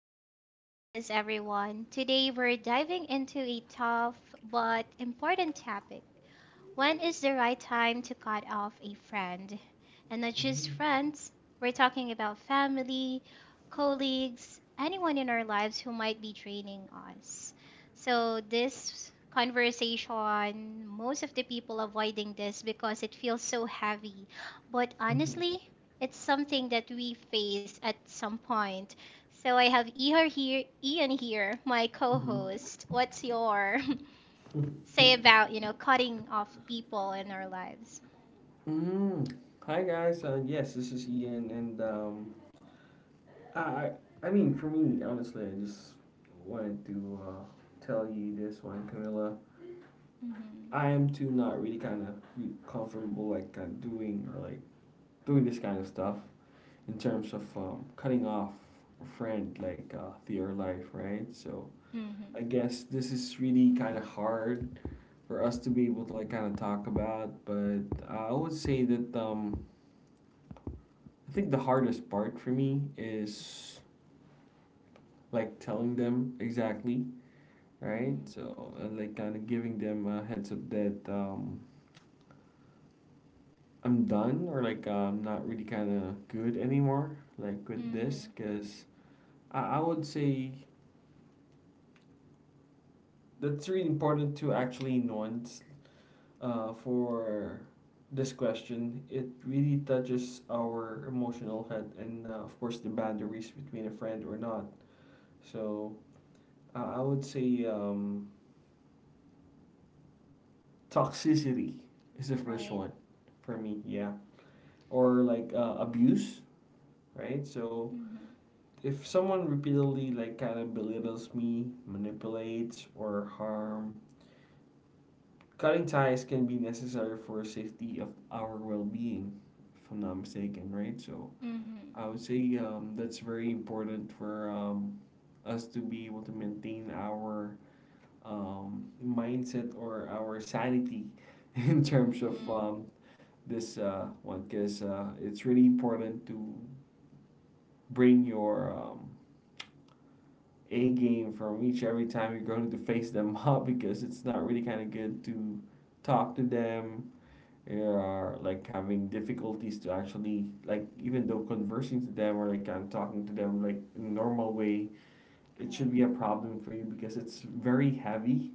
to our podcast, everyone. Today we're diving into a tough but important topic. When is the right time to cut off a friend? And not just friends, we're talking about family, colleagues, anyone in our lives who might be draining us. So, this conversation, most of the people avoiding this because it feels so heavy. But Mhm, honestly, it's something that we face at some point. So, I have Ian here, my co mhm, host. What's your mhm. say about cutting off people in our lives. Mm. Hi guys, yes, this is Ian, and I, I, I mean, for me, honestly, I just wanted to tell you this one, Camilla. Mm-hmm. I am too not really kind of comfortable like doing or like doing this kind of stuff in terms of Right. cutting off a friend like to your life, right? So I Mm-hmm. guess this is really kind of hard for us to be able to like kind of talk about, but I would say that I think the hardest part for me is like telling them exactly, right? Mm-hmm. So like kind of giving them a heads up that I'm done or like I'm not really kind of good anymore, like with Mm-hmm. this, because I would say that's really important to actually nuance for this question. It really touches our emotional head and of course the boundaries between a friend or not. So I would say toxicity is the first Right. one for me, yeah, or like abuse, right? So Mm-hmm. if someone repeatedly like kind of belittles me, manipulates or harm, cutting ties can be necessary for safety of our well-being, if I'm not mistaken, right? So Mm-hmm. I would say that's very important for us to be able to maintain our mindset or our sanity in terms of Mm-hmm. This one, because it's really important to bring your A game from each every time you're going to face them up, because it's not really kind of good to talk to them, or like having difficulties to actually like even though conversing to them, or like I'm talking to them like in a normal way, it Right. should be a problem for you because it's very heavy,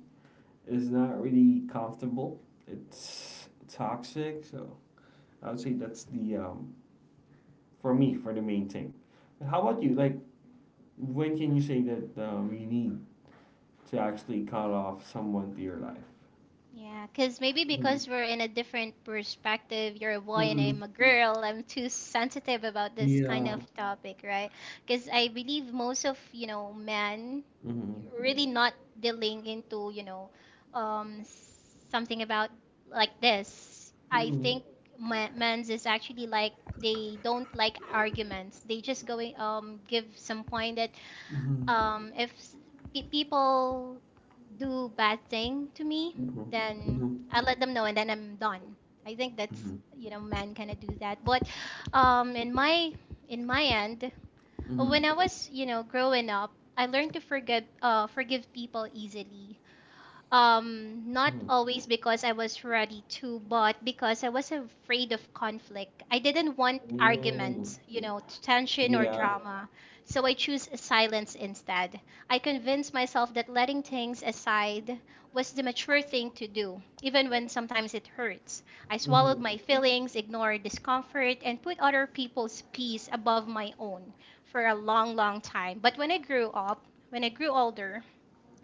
it's not really comfortable, it's toxic. So I would say that's the for me, for the main thing. But how about you? Like, when can you say that you need to actually cut off someone to your life? Yeah, because maybe because we're in a different perspective, you're a boy and Mm-hmm. I'm a girl, I'm too sensitive about this kind Yeah. of topic, right? Because I believe most of, you know, men Mm-hmm. really not dealing into, um, something about like this. I Mm-hmm. think ma- men's is actually like they don't like arguments. They just going give some point that Mm-hmm. If people do bad thing to me, Mm-hmm. then Mm-hmm. I let them know and then I'm done. I think that's you know men kind of do that. But um, in my in my end, when I Mm-hmm. was you know growing up, I learned to forgive forgive people easily. Not always because I was ready to, but because I was afraid of conflict. I didn't want Mm-hmm. arguments, you know, tension Mm-hmm. or Yeah. drama. So I choose silence instead. I convinced myself that letting things aside was the mature thing to do, even when sometimes it hurts. I swallowed Mm-hmm. my feelings, ignored discomfort, and put other people's peace above my own for a long, long time. But when I grew older,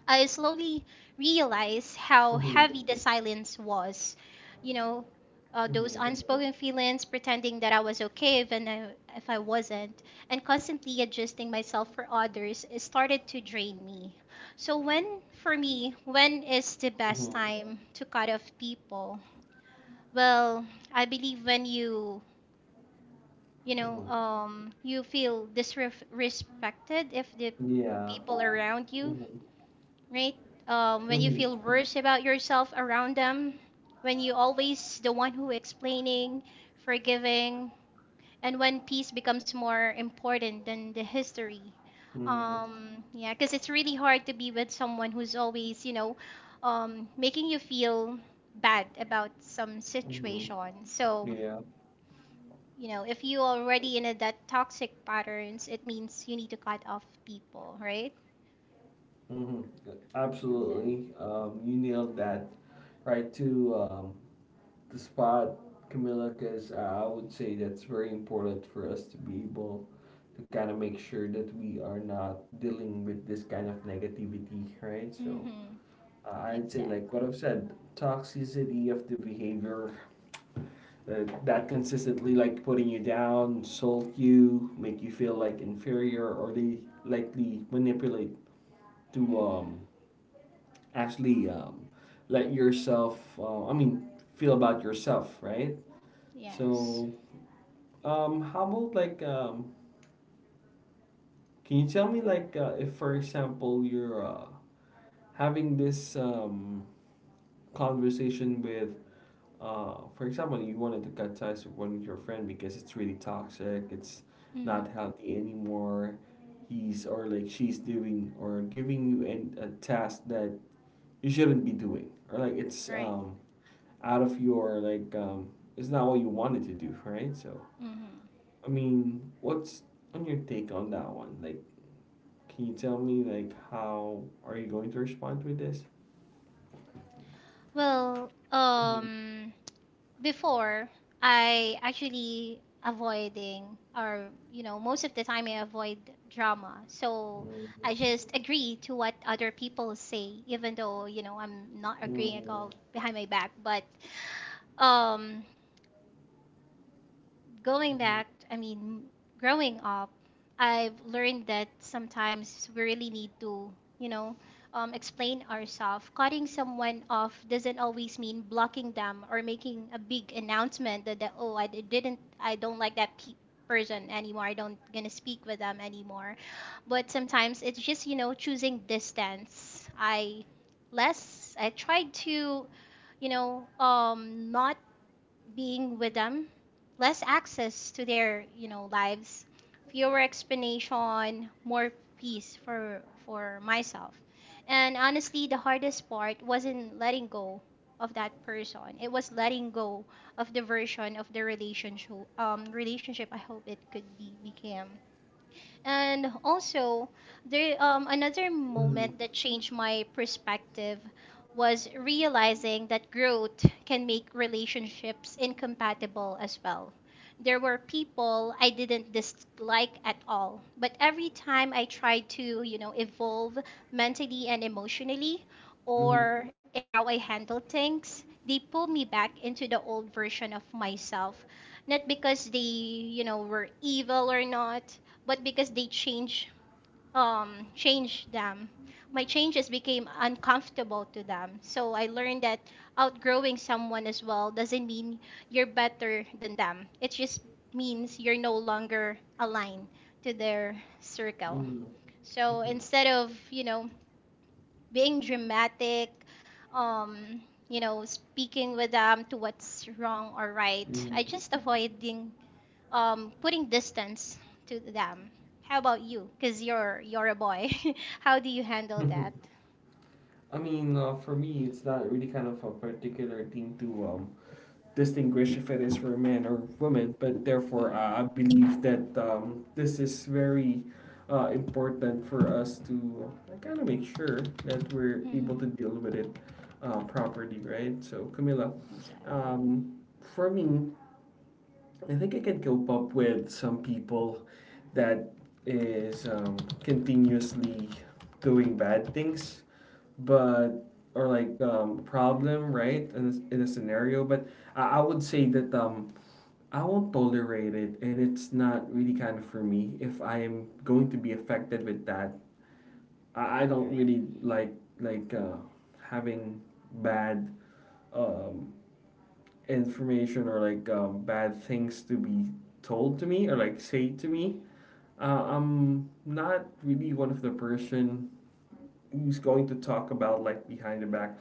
I slowly realized how Mm-hmm. heavy the silence was. You know, those Mm-hmm. unspoken feelings, pretending that I was okay even if I wasn't, and constantly adjusting myself for others, it started to drain me. So, for me, when is the best Mm-hmm. time to cut off people? Well, I believe when you know, Mm-hmm. You feel disrespected if the Yeah. people around you Mm-hmm. right? When you feel Mm-hmm. worse about yourself around them, when you always the one who explaining, forgiving, and when peace becomes more important than the history. Mm-hmm. Yeah, because it's really hard to be with someone who's always, you know, making you feel bad about some Mm-hmm. situation. So, Yeah. you know, if you already in a, that toxic patterns, it means you need to cut off people, right? Mm-hmm. Exactly. Absolutely. You nailed that right to the spot, Camilla, because I would say that's very important for us to be able to kind of make sure that we are not dealing with this kind of negativity, right? So Mm-hmm. I'd say, like Exactly. what I've said, toxicity of the behavior uh, that consistently like putting you down, insult you, make you feel like inferior, or they likely manipulate to Mm-hmm. Actually let yourself, I mean, feel about yourself, right? Yes. So how about like can you tell me like if for example you're having this conversation with for example you wanted to cut ties with one of your friend because it's really toxic, it's not Mm-hmm. healthy anymore. He's or like she's doing or giving you an, a task that you shouldn't be doing, or like it's Right. Out of your like it's not what you wanted to do, right? So Mm-hmm. I mean, what's on your take on that one? Like, can you tell me like how are you going to respond with this? Well, before I actually avoiding or you know most of the time I avoid drama. So I just agree to what other people say even though you know I'm not agreeing at Mhm, all behind my back, but um going mhm, back, I mean, growing up, I've learned that sometimes we really need to, you know, explain ourselves. Cutting someone off doesn't always mean blocking them or making a big announcement that oh, I don't like that person anymore. I don't gonna speak with them anymore. But sometimes it's just, you know, choosing distance. I tried to, you know, not being with them, less access to their, you know, lives, fewer explanation, more peace for myself. And honestly, the hardest part wasn't letting go of that person. It was letting go of the version of the relationship I hope it could be became. And also, there another mhm, moment that changed my perspective was realizing that growth can make relationships incompatible as well. There were people I didn't dislike at all, but every time I tried to, you know, evolve mentally and emotionally mhm, or in how I handle things, they pulled me back into the old version of myself, not because they you know were evil or not, but because they change change them my changes became uncomfortable to them. So I learned that outgrowing someone as well doesn't mean you're better than them, it just means you're no longer aligned to their circle. mhm, So mhm, instead of you know being dramatic, um you know speaking with them to what's wrong or right, mhm, I just avoiding, putting distance to them. How about you? Because you're a boy. How do you handle mhm. that? I mean, for me, it's not really kind of a particular thing to distinguish if it is for a man or woman, but therefore I Mm-hmm. believe that this is very important for us to kind of make sure that we're able Mm-hmm. to deal with it properly, right? So, Camila, um, for me, I think I can cope up with some people that is continuously doing bad things, but or like problem, right? In a scenario, but I would say that I won't tolerate it, and it's not really kind of for me. If I am going to be affected with that, I don't Right. really like like having bad um, information, or like bad things to be told to me or like say to me. I'm not really one of the person who's going to talk about like behind the back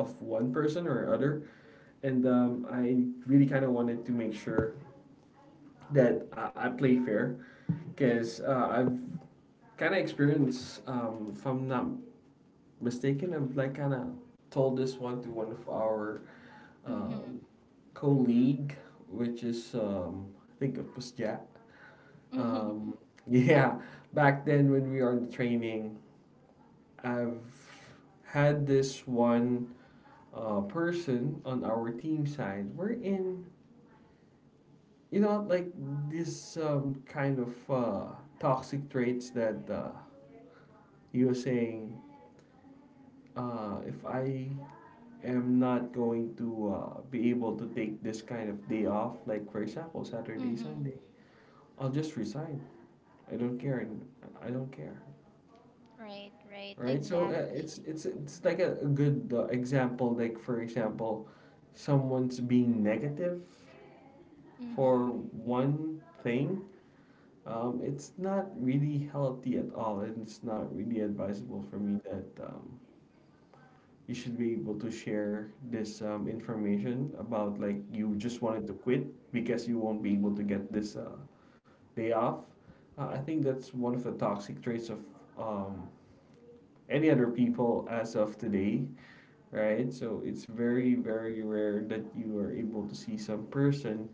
of one person or other, and I really kind of wanted to make sure that I play fair. Because I've kind of experienced, if I'm not mistaken, I've like kind of told this one to one of our Mm-hmm. um, colleague, which is I think it was Jack. Mm-hmm. Um, yeah, back then when we are in training, I've had this one person on our team side. We're in, like this kind of toxic traits that you were saying, if I am not going to be able to take this kind of day off, like for example Saturday, Mm-hmm. Sunday, I'll just resign. I don't care. And I don't care. Right. Right. Right? So Exactly. it's like a good example. Like for example, someone's being negative Mm-hmm. for one thing. It's not really healthy at all, and it's not really advisable for me that you should be able to share this information about like you just wanted to quit because you won't be able to get Mm-hmm. this day off. I think that's one of the toxic traits of um, any other people as of today, right? So it's very, Right. very rare that you are able to see some person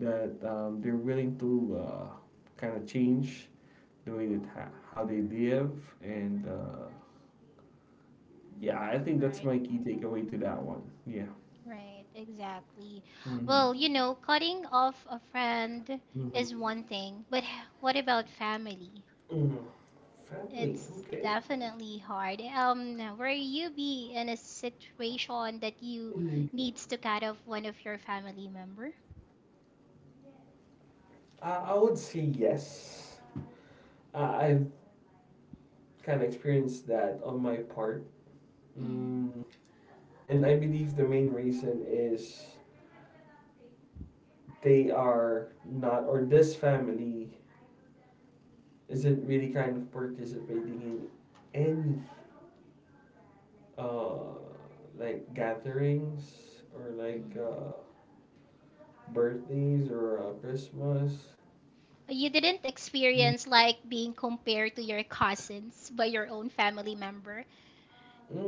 that they're willing to kind of change the way that how they live, and yeah, I think that's Right. my key takeaway to that one. Yeah. Right. Exactly. Mm-hmm. Well, you know, cutting off a friend Mm-hmm. is one thing, but what about family? hmm Family, It's okay. definitely hard. Were you be in a situation that you Mm. needs to cut off one of your family member? I would say yes. I I've kind of experienced that on my part. Hmm. Mm. And I believe the main reason is they are not, or this family isn't really kind of participating in any uh, like gatherings, or like Hmm. Birthdays or Christmas. You didn't Mm. experience like being compared to your cousins by your own family member.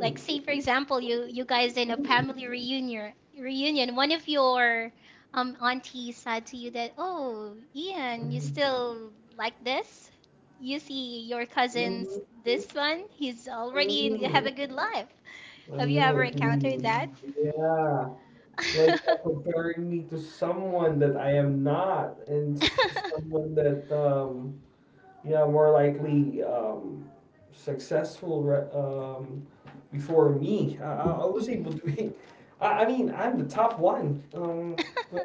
Like say for example, you guys in a family reunion, one of your aunties said to you that, "Oh, Ian, you Mhm. still like this? You see your cousins Mhm. this one, he's already Mm, have a good life." I Have you know ever what you encountered mean. that? Yeah, like comparing me to someone that I am not, and someone that yeah, more likely successful before me. I was able Hmm. to be. I mean, I'm the top one. But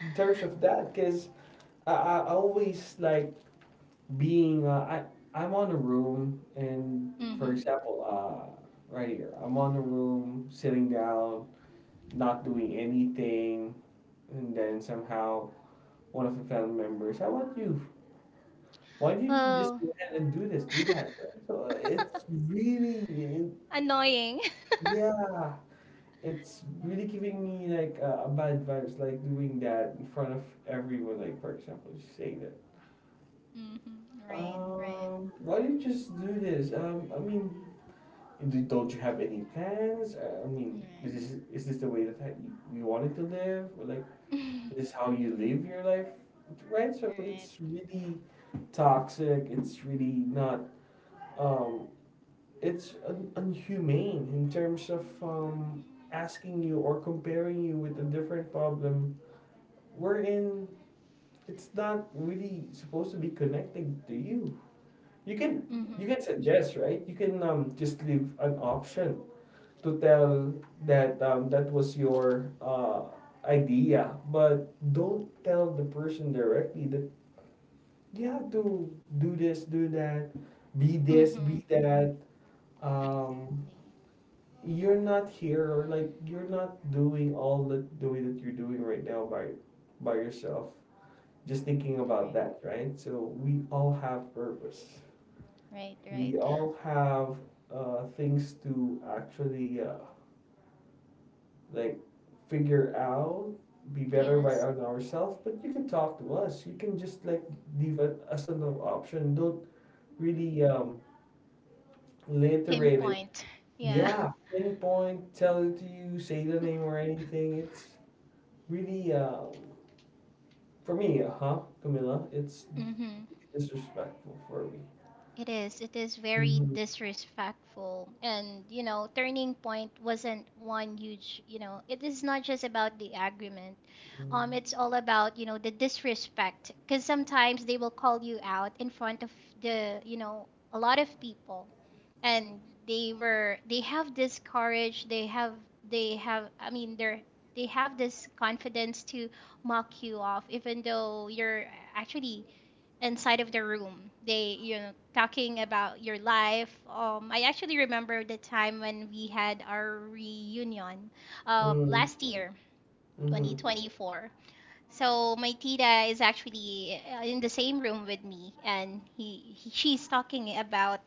in terms of that, because I always like being, I'm on a room, and for Hmm. example right here I'm on a room sitting down, not doing anything, and then somehow one of the family members, I want you, why didn't you just Well, go ahead and do this, do that, right? So it's really it, annoying. yeah, it's really giving me like a bad vibes like doing that in front of everyone, like for example just saying that Mhm. Right, right, why didn't you just do this, I mean, not you have any plans? I mean, is right. this the way that you wanted to live? Or like, is this how you live your life? Right? So Right. it's really toxic. It's really not. Um, it's unhumane in terms of asking you or comparing you with a different problem, wherein it's not really supposed to be connecting to you. You can you Mm-hmm. can suggest, right? You can just leave an option to tell that that was your idea, but don't tell the person directly that you have to do this, do that, be this, Mm-hmm. be that. Um, you're not here, or like you're not doing all the way that you're doing right now by yourself. Just thinking about that, right? So we all have purpose. Right, We right. all have things to actually like figure out, be better by Yes. on ourselves. But you can talk to us. You can just like leave it as an option. Don't really reiterate it. Pinpoint. Yeah. Yeah, pinpoint, tell it to you, say the name or anything. It's really for me, Camilla? It's Mm-hmm. disrespectful for me. It is. It is very Mm-hmm. disrespectful. And, you know, Turning Point wasn't one huge, you know, it is not just about the agreement. It's all about, you know, the disrespect. Because sometimes they will call you out in front of the, you know, a lot of people. And they have this courage, they have I mean they're they have this confidence to mock you off even though you're actually inside of the room, they you know talking about your life. Um, I actually remember the time when we had our reunion Mm-hmm. last year, Mm-hmm. 2024. So my tita is actually in the same room with me, and he she's talking about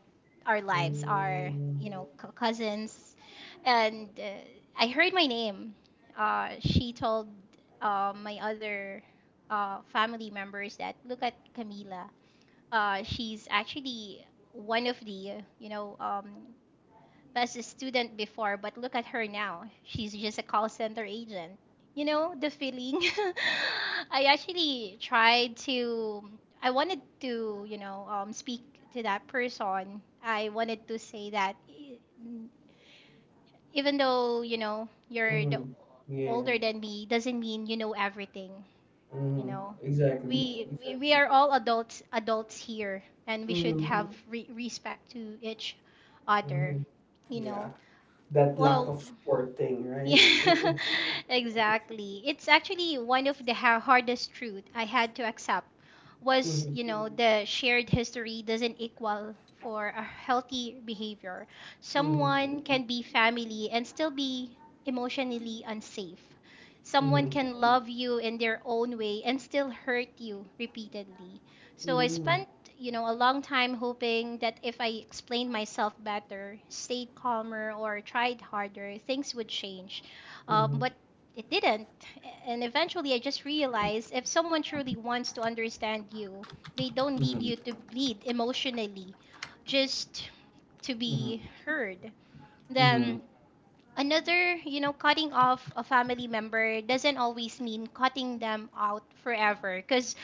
our lives, our Mm-hmm. you know cousins, and I heard my name. She told my other family members that, look at Camila. She's actually one of the you know as a student before, but look at her now. She's just a call center agent. You know, the feeling. I actually tried to, I wanted to, you know, speak to that person. I wanted to say that even though, you know, you're the, Mm-hmm. Yeah. older than me, doesn't mean you know everything, you Mm-hmm. know. Exactly. We, we Exactly. are all adults here and we should Mm-hmm. have respect to each other, Mhm. you know. Yeah, that lack Well, of support thing, right? yeah, Mhm. exactly. It's actually one of the hardest truth I had to accept was, Mhm. you know, Mhm. the shared history doesn't equal for a healthy behavior. Someone can be family and still be emotionally unsafe. Mhm. Someone Mhm. can love you in their own way and still hurt you repeatedly. So I Mhm. spent, you know, a long time hoping that if I explained myself better, stayed calmer, or tried harder, things would change. But it didn't. And eventually I just realized if someone truly wants to understand you, they don't Mhm. need Mhm. you to bleed emotionally just to be heard. Mhm. Mhm. Then another, you know, cutting off a family member doesn't always mean cutting them out forever, because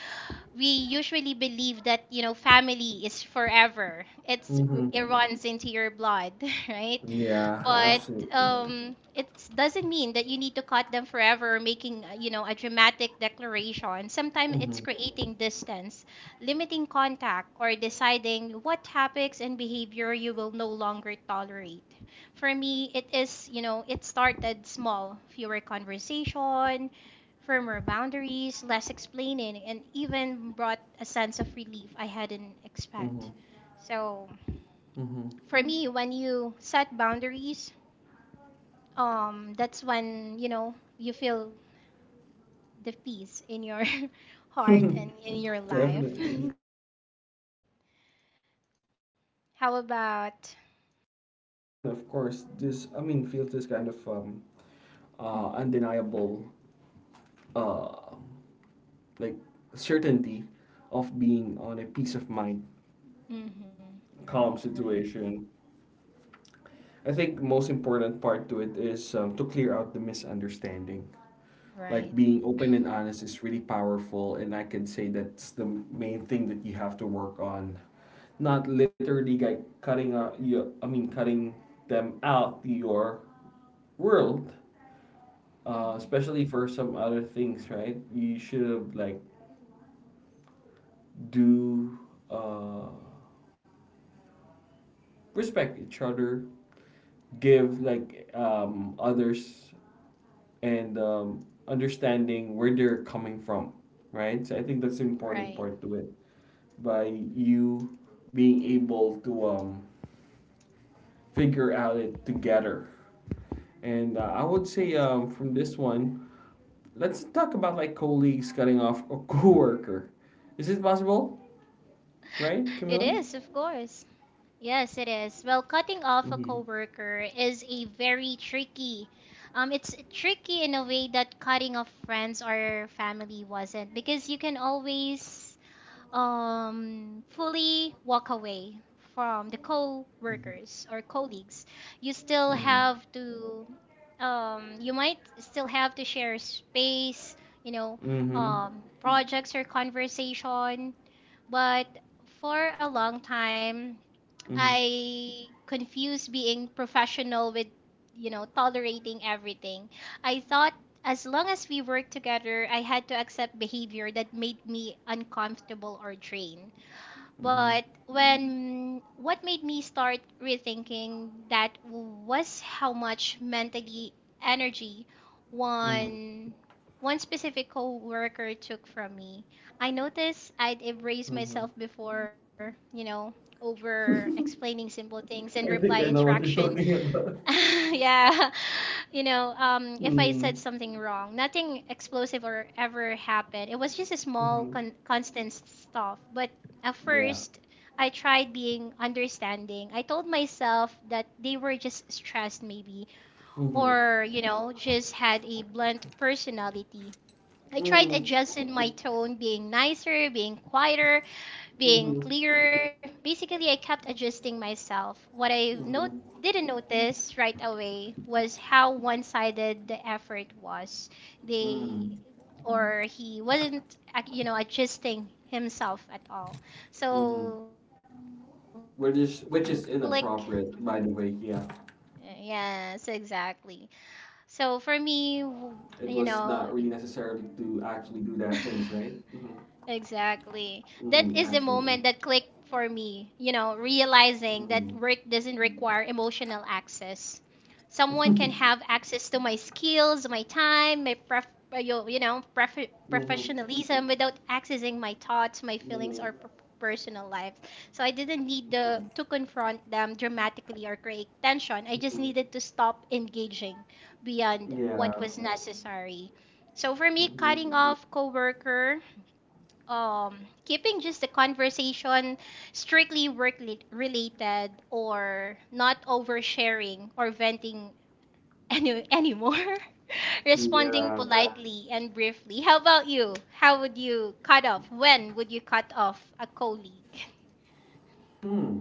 we usually believe that, you know, family is forever. It's Mhm. it runs into your blood, right? Yeah, But absolutely. It doesn't mean that you need to cut them forever, making you know a dramatic declaration. Sometimes it's Mhm. creating distance, limiting contact, or deciding what topics and behavior you will no longer tolerate. For me it is, you know, it started small: fewer conversation, firmer boundaries, less explaining, and even brought a sense of relief I hadn't expect. Mhm. So Mhm. for me, when you set boundaries, that's when you know you feel the peace in your heart and in your life. Definitely. I Right. mean, if you wanted to like kind of How course this, I about mean, feels this kind of undeniable hmm. uh like certainty of being on a peace of mind, Hmm. calm Right, right, situation. I think most important part to it is to clear out the misunderstanding. Like right. being open and honest is really powerful, and I can say that's the main thing that you have to work on. Not literally like cutting out you, I mean cutting them out your world, Hmm. especially for some other things, right? You should have like do uh respect each other, give like others, and understanding where they're coming from, right? So I think that's the important Right. part to it. By you being able to figure out it together, and I would say Exactly. from this one, let's talk about like colleagues cutting off a coworker. Is it possible, right, It Camila? is, of course. Yes, it is. Well, cutting off a Mm-hmm. coworker is a very tricky, it's tricky in a way that cutting off friends or family wasn't, because you can always fully walk away from the Mm-hmm. co-workers or colleagues, you still have to, you might still have to share space, you know, Mm-hmm. Projects or conversation. But for a long time, Mm-hmm. I confused being professional with, you know, tolerating everything. I thought as long as we worked together, I had to accept behavior that made me uncomfortable or drained. Mm-hmm. But when what made me start rethinking that was how much mentally energy Mm-hmm. one one specific coworker took from me. I noticed I'd erase myself before, over Mm-hmm. explaining simple things and I reply think I know what you're interaction talking about. yeah if I said Mm. something wrong, nothing explosive or ever happened. It was just a small Mm-hmm. Constant stuff. But at Yeah. first, I tried being understanding. I told myself that they were just stressed, maybe, Mm-hmm. or just had a blunt personality. I tried Mm-hmm. adjusting my tone, being nicer, being quieter, being Mm-hmm. clearer. Basically, I kept adjusting myself. What I Mm-hmm. didn't notice right away was how one sided the effort was. They Mm. or he wasn't, adjusting himself at all. Mm-hmm. So the moment Which it is which is clicked, inappropriate, by the way. Yeah, yes, it was exactly. not really So necessarily for to me, actually do you that things, know, right? Mm-hmm. Mm-hmm. Absolutely. exactly. That is the moment that clicked for me, Mm-hmm. realizing that work doesn't require emotional access. Someone can mm-hmm. have access to my skills, my time, my Mm-hmm. professionalism without accessing my thoughts, my feelings or personal life. So I didn't need to confront them dramatically or create tension. I just needed Mm-hmm. to stop engaging beyond Yeah. what was necessary. So for me, Mm-hmm. cutting off coworker, um keeping just the conversation strictly work related, or not oversharing or venting anymore, responding Yeah. politely and briefly. How about you? How would you cut off? When would you cut off a colleague? Hmm.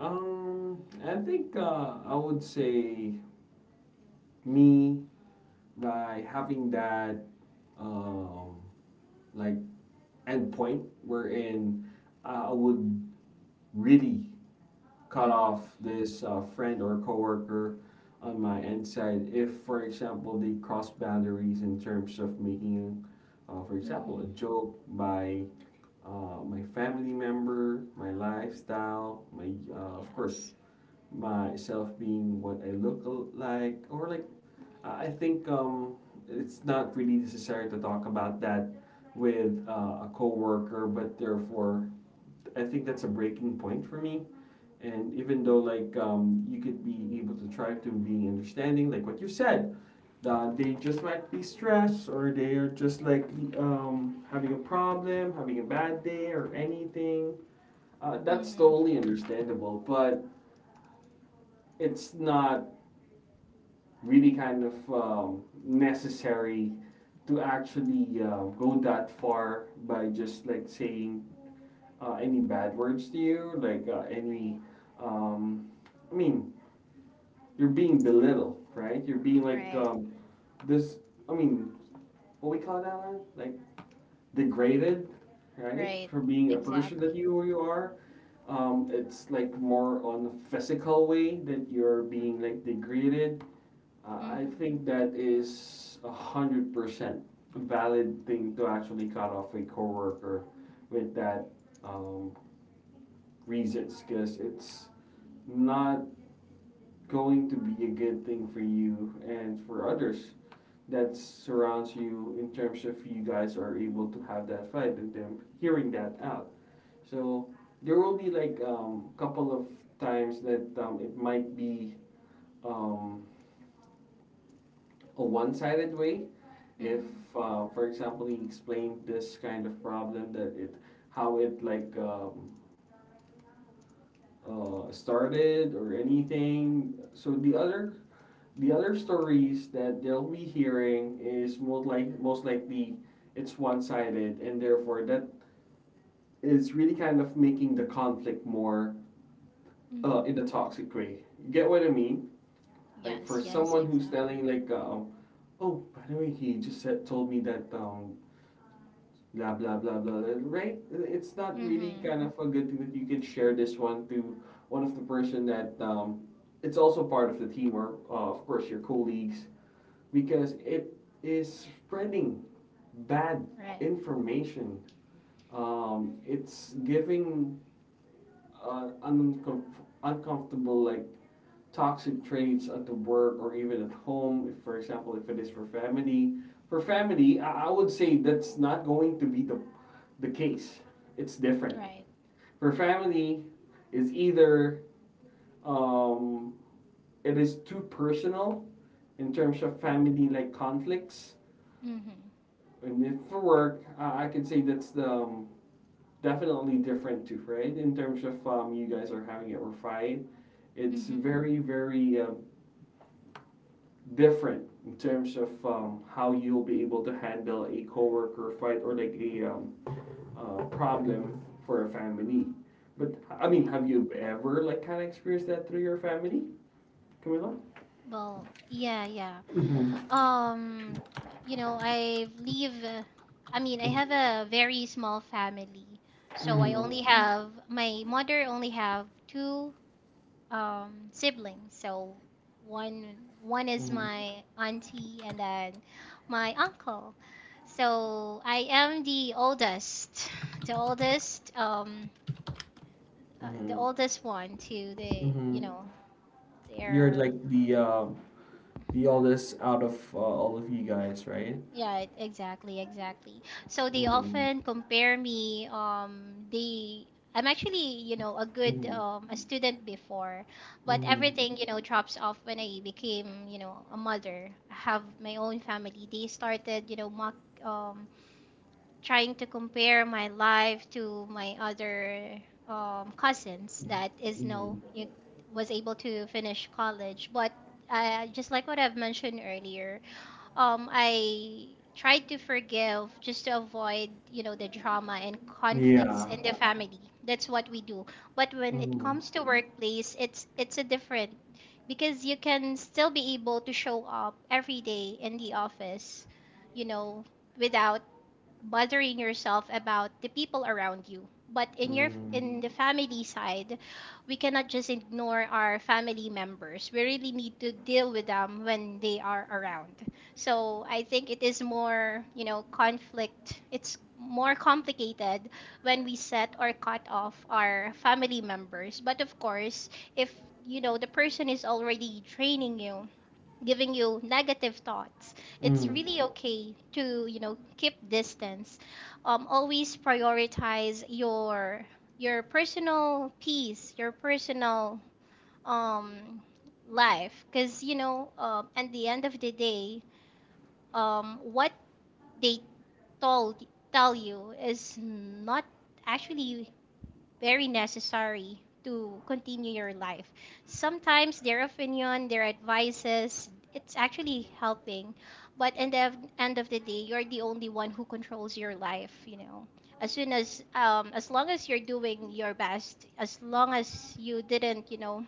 I think I would say me by having that um, like endpoint wherein I would really cut Mm-hmm. off this friend or coworker on my end side if, for example, they cross boundaries in terms of making, for example, a Mm-hmm. joke by my family member, my lifestyle, my of course Yes. myself being what I look like, or like I think it's not really necessary to talk about that with a coworker, but therefore, I think that's a breaking point for me. And even though like you could be able to try to be understanding, like what you said, they just might be stressed or they are just like having a problem, having a bad day or anything. That's Mm-hmm. totally understandable, but it's not really kind of necessary to actually go that far by just like saying any bad words to you, like any. Right, Um, I mean, you're being belittled, right? You're being like right, this. I mean, what we call that, Alan? Like degraded, right? right, For being a person that exactly. you are. It's like more on the physical way that you're being like degraded. I I Mm-hmm. think that is 100% valid thing to actually cut off a coworker with that um, reasons because it's not going to be a good thing for you and for others that surrounds you in terms of you guys are able to have that fight and them hearing that out. So there will be like a couple of times that it might be um, a one-sided way if Mm-hmm. For example he explained this kind of problem that it how it like started or anything so the other stories that they'll be hearing is most likely it's one-sided and therefore that is really kind of making the conflict more Mm-hmm. in a toxic way. You get what I mean? Like Yes, for yes, someone who's exactly. telling like oh by the way he just said told me that blah blah blah blah blah, right? It's not really Mm-hmm. kind of a good thing that you can share this one to one of the person that it's also part of the teamwork, of course your colleagues, because it is spreading bad Right, information. It's giving uh, uncom- uncomfortable like toxic traits at the work or even at home if, for example if it is for family. For family, I would say that's not going to be the case. It's different. right. For family is either um, it is too personal in terms Right. of family like conflicts. Mhm. And if for work I can say that's the definitely different too, right? In terms of you guys are having it refined, it's Mhm. very, very different in terms of how you'll be able to handle a coworker fight or like a problem for a family. But I mean, Right. have you ever like kind of experienced that through your family, Camila? Well, yeah, yeah. Mm-hmm. Mm. I live I mean, I have a very small family. So I Mm-hmm. only Oh. have my mother, only have two siblings. So one is Mm-hmm. my auntie and then my uncle. So I am the oldest, the oldest the Mm-hmm. oldest one to the, Mm-hmm. You're their. like the the oldest out of all of you guys, right? Yeah, exactly, exactly. So they often Mm-hmm. compare me. They, I'm actually, a good Mm-hmm. A student before, but Mhm. everything, drops off when I became, a mother. I have my own family. They started, mock, um, trying to compare my life to my other cousins that is no, Mhm. you was able to finish college, but just like what I've mentioned earlier, I tried to forgive just to avoid, the drama and conflicts Yeah. in the family. That's what we do. But when it Mhm. comes to workplace, it's a different, because you can still be able to show up every day in the office, you know, without bothering yourself about the people around you. But in your Mhm. in the family side, we cannot just ignore our family members. We really need to deal with them when they are around. So I think it is more, conflict. It's more complicated when we set or cut off our family members. But of course, if the person is already draining you, giving you negative thoughts, it's Mhm. really okay to, keep distance, always prioritize your personal peace, your personal um, life, because at the end of the day, what they told tell you is not actually very necessary to continue your life. Sometimes their opinion, their advices, it's actually helping. But in the end of the day, you're the only one who controls your life, As long as you're doing your best, as long as you didn't,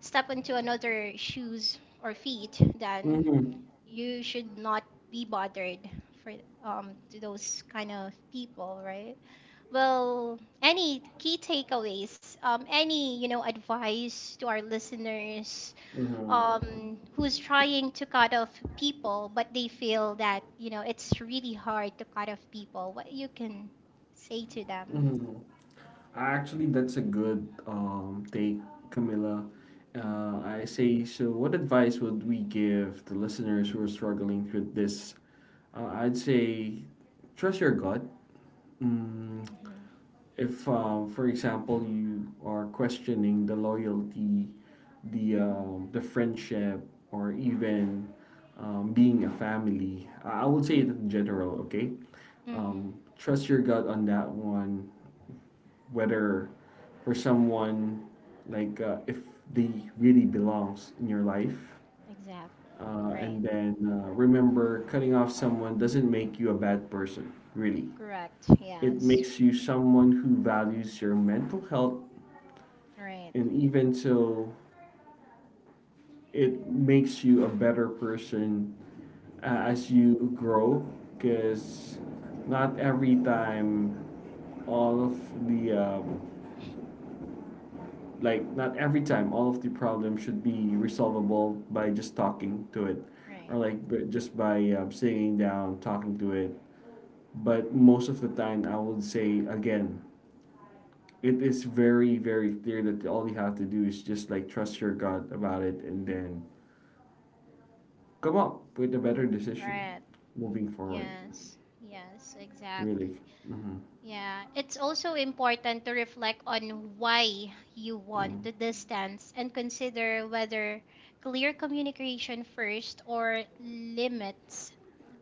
step into another shoes or feet, then Mhm. you should not be bothered for to those kind of people, right? Well, any key takeaways, any, advice to our listeners Mhm. Who's trying to cut off people, but they feel that, it's really hard to cut off people, what you can say to them. Mhm. Actually, that's a good take, Camilla. Mm-hmm. I say, so what advice would we give the listeners who are struggling with this? I'd say, trust your gut. Mm, Mm-hmm. if for example you are questioning the loyalty, Mm-hmm. The friendship, or even being a family, I would say that Mm-hmm. in general okay. Mm-hmm. Trust your gut on that one whether for someone like if they really belongs in your life, Exactly. Right. and then remember cutting off someone doesn't make you a bad person really. Correct. It Yes. makes you someone who values your mental health. Right. And even so, it makes you a better person Mm-hmm. as you grow. Because not every time all of the like not every time all of the problem should be resolvable by just talking to it or Right. like just by sitting down talking to it. But Right. most of the time I would say again, it is very very clear that all you have to do is just like trust your gut about it and then come up with a better decision Right. moving forward. Yes. Yes, Really. exactly. Mm-hmm. Yeah, it's also important to reflect on why you want Mm, the distance and consider whether clear communication first or limits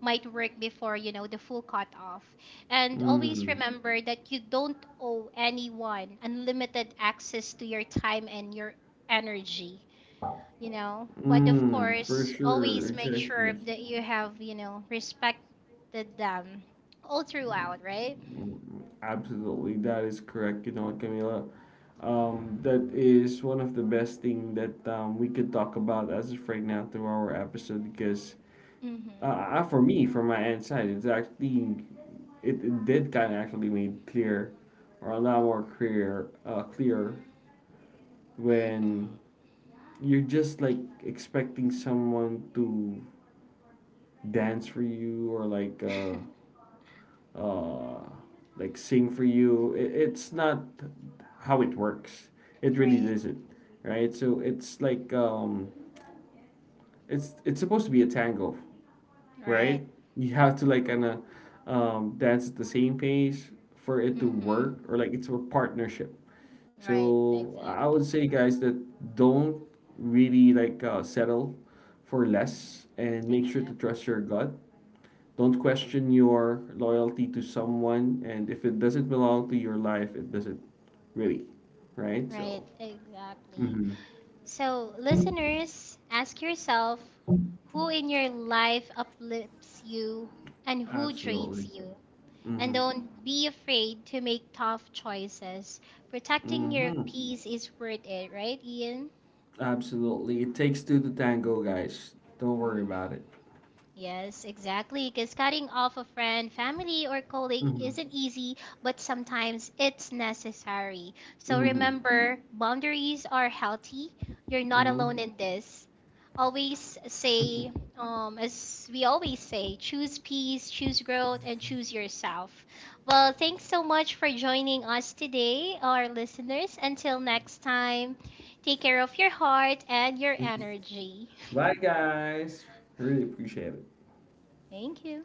might work before, the full cutoff. And always mm, remember that you don't owe anyone unlimited access to your time and your energy, But of Mm. For course, sure, always make exactly. sure that you have, respected them all throughout, right? Mm, absolutely, that is correct. You know what, Camila? That is one of the best thing that we could talk about as of right now through our episode because Mm-hmm. For me, from my end side, it's actually it did kind of actually made clear or a lot more clear, clear when Mm-hmm. you're just like expecting someone to dance for you or uh like sing for you. It's not how it works. It really Right. isn't, right? So it's like it's supposed to be a tango, Right. right? You have to like kind of dance at the same pace for it to Mm-hmm. work, or like it's a partnership. Right. So I Exactly. would say, guys, that don't really like settle for Mm-hmm. less and make sure to Exact. trust your gut. Don't question your loyalty to someone, and if it doesn't belong to your life, it doesn't really, right? Right. So, Exactly. mm-hmm. So, listeners, ask yourself who in your life uplifts you and who Absolutely, drains you. And mm-hmm. don't be afraid to make tough choices. Protecting your Mm-hmm. peace is worth it, right, Ian? Absolutely, it takes two to tango, guys. Don't worry about Mm-hmm. it. Yes, exactly. Because cutting off a friend, family, or colleague Mm-hmm. isn't easy, but sometimes it's necessary. So Mm-hmm. remember, boundaries are healthy. You're not Mm-hmm. alone in this. Always say, as we always say, choose peace, choose growth, and choose yourself. Well, thanks so much for joining us today, our listeners. Until next time, take care of your heart and your energy. Bye, guys. Really appreciate it. Thank you.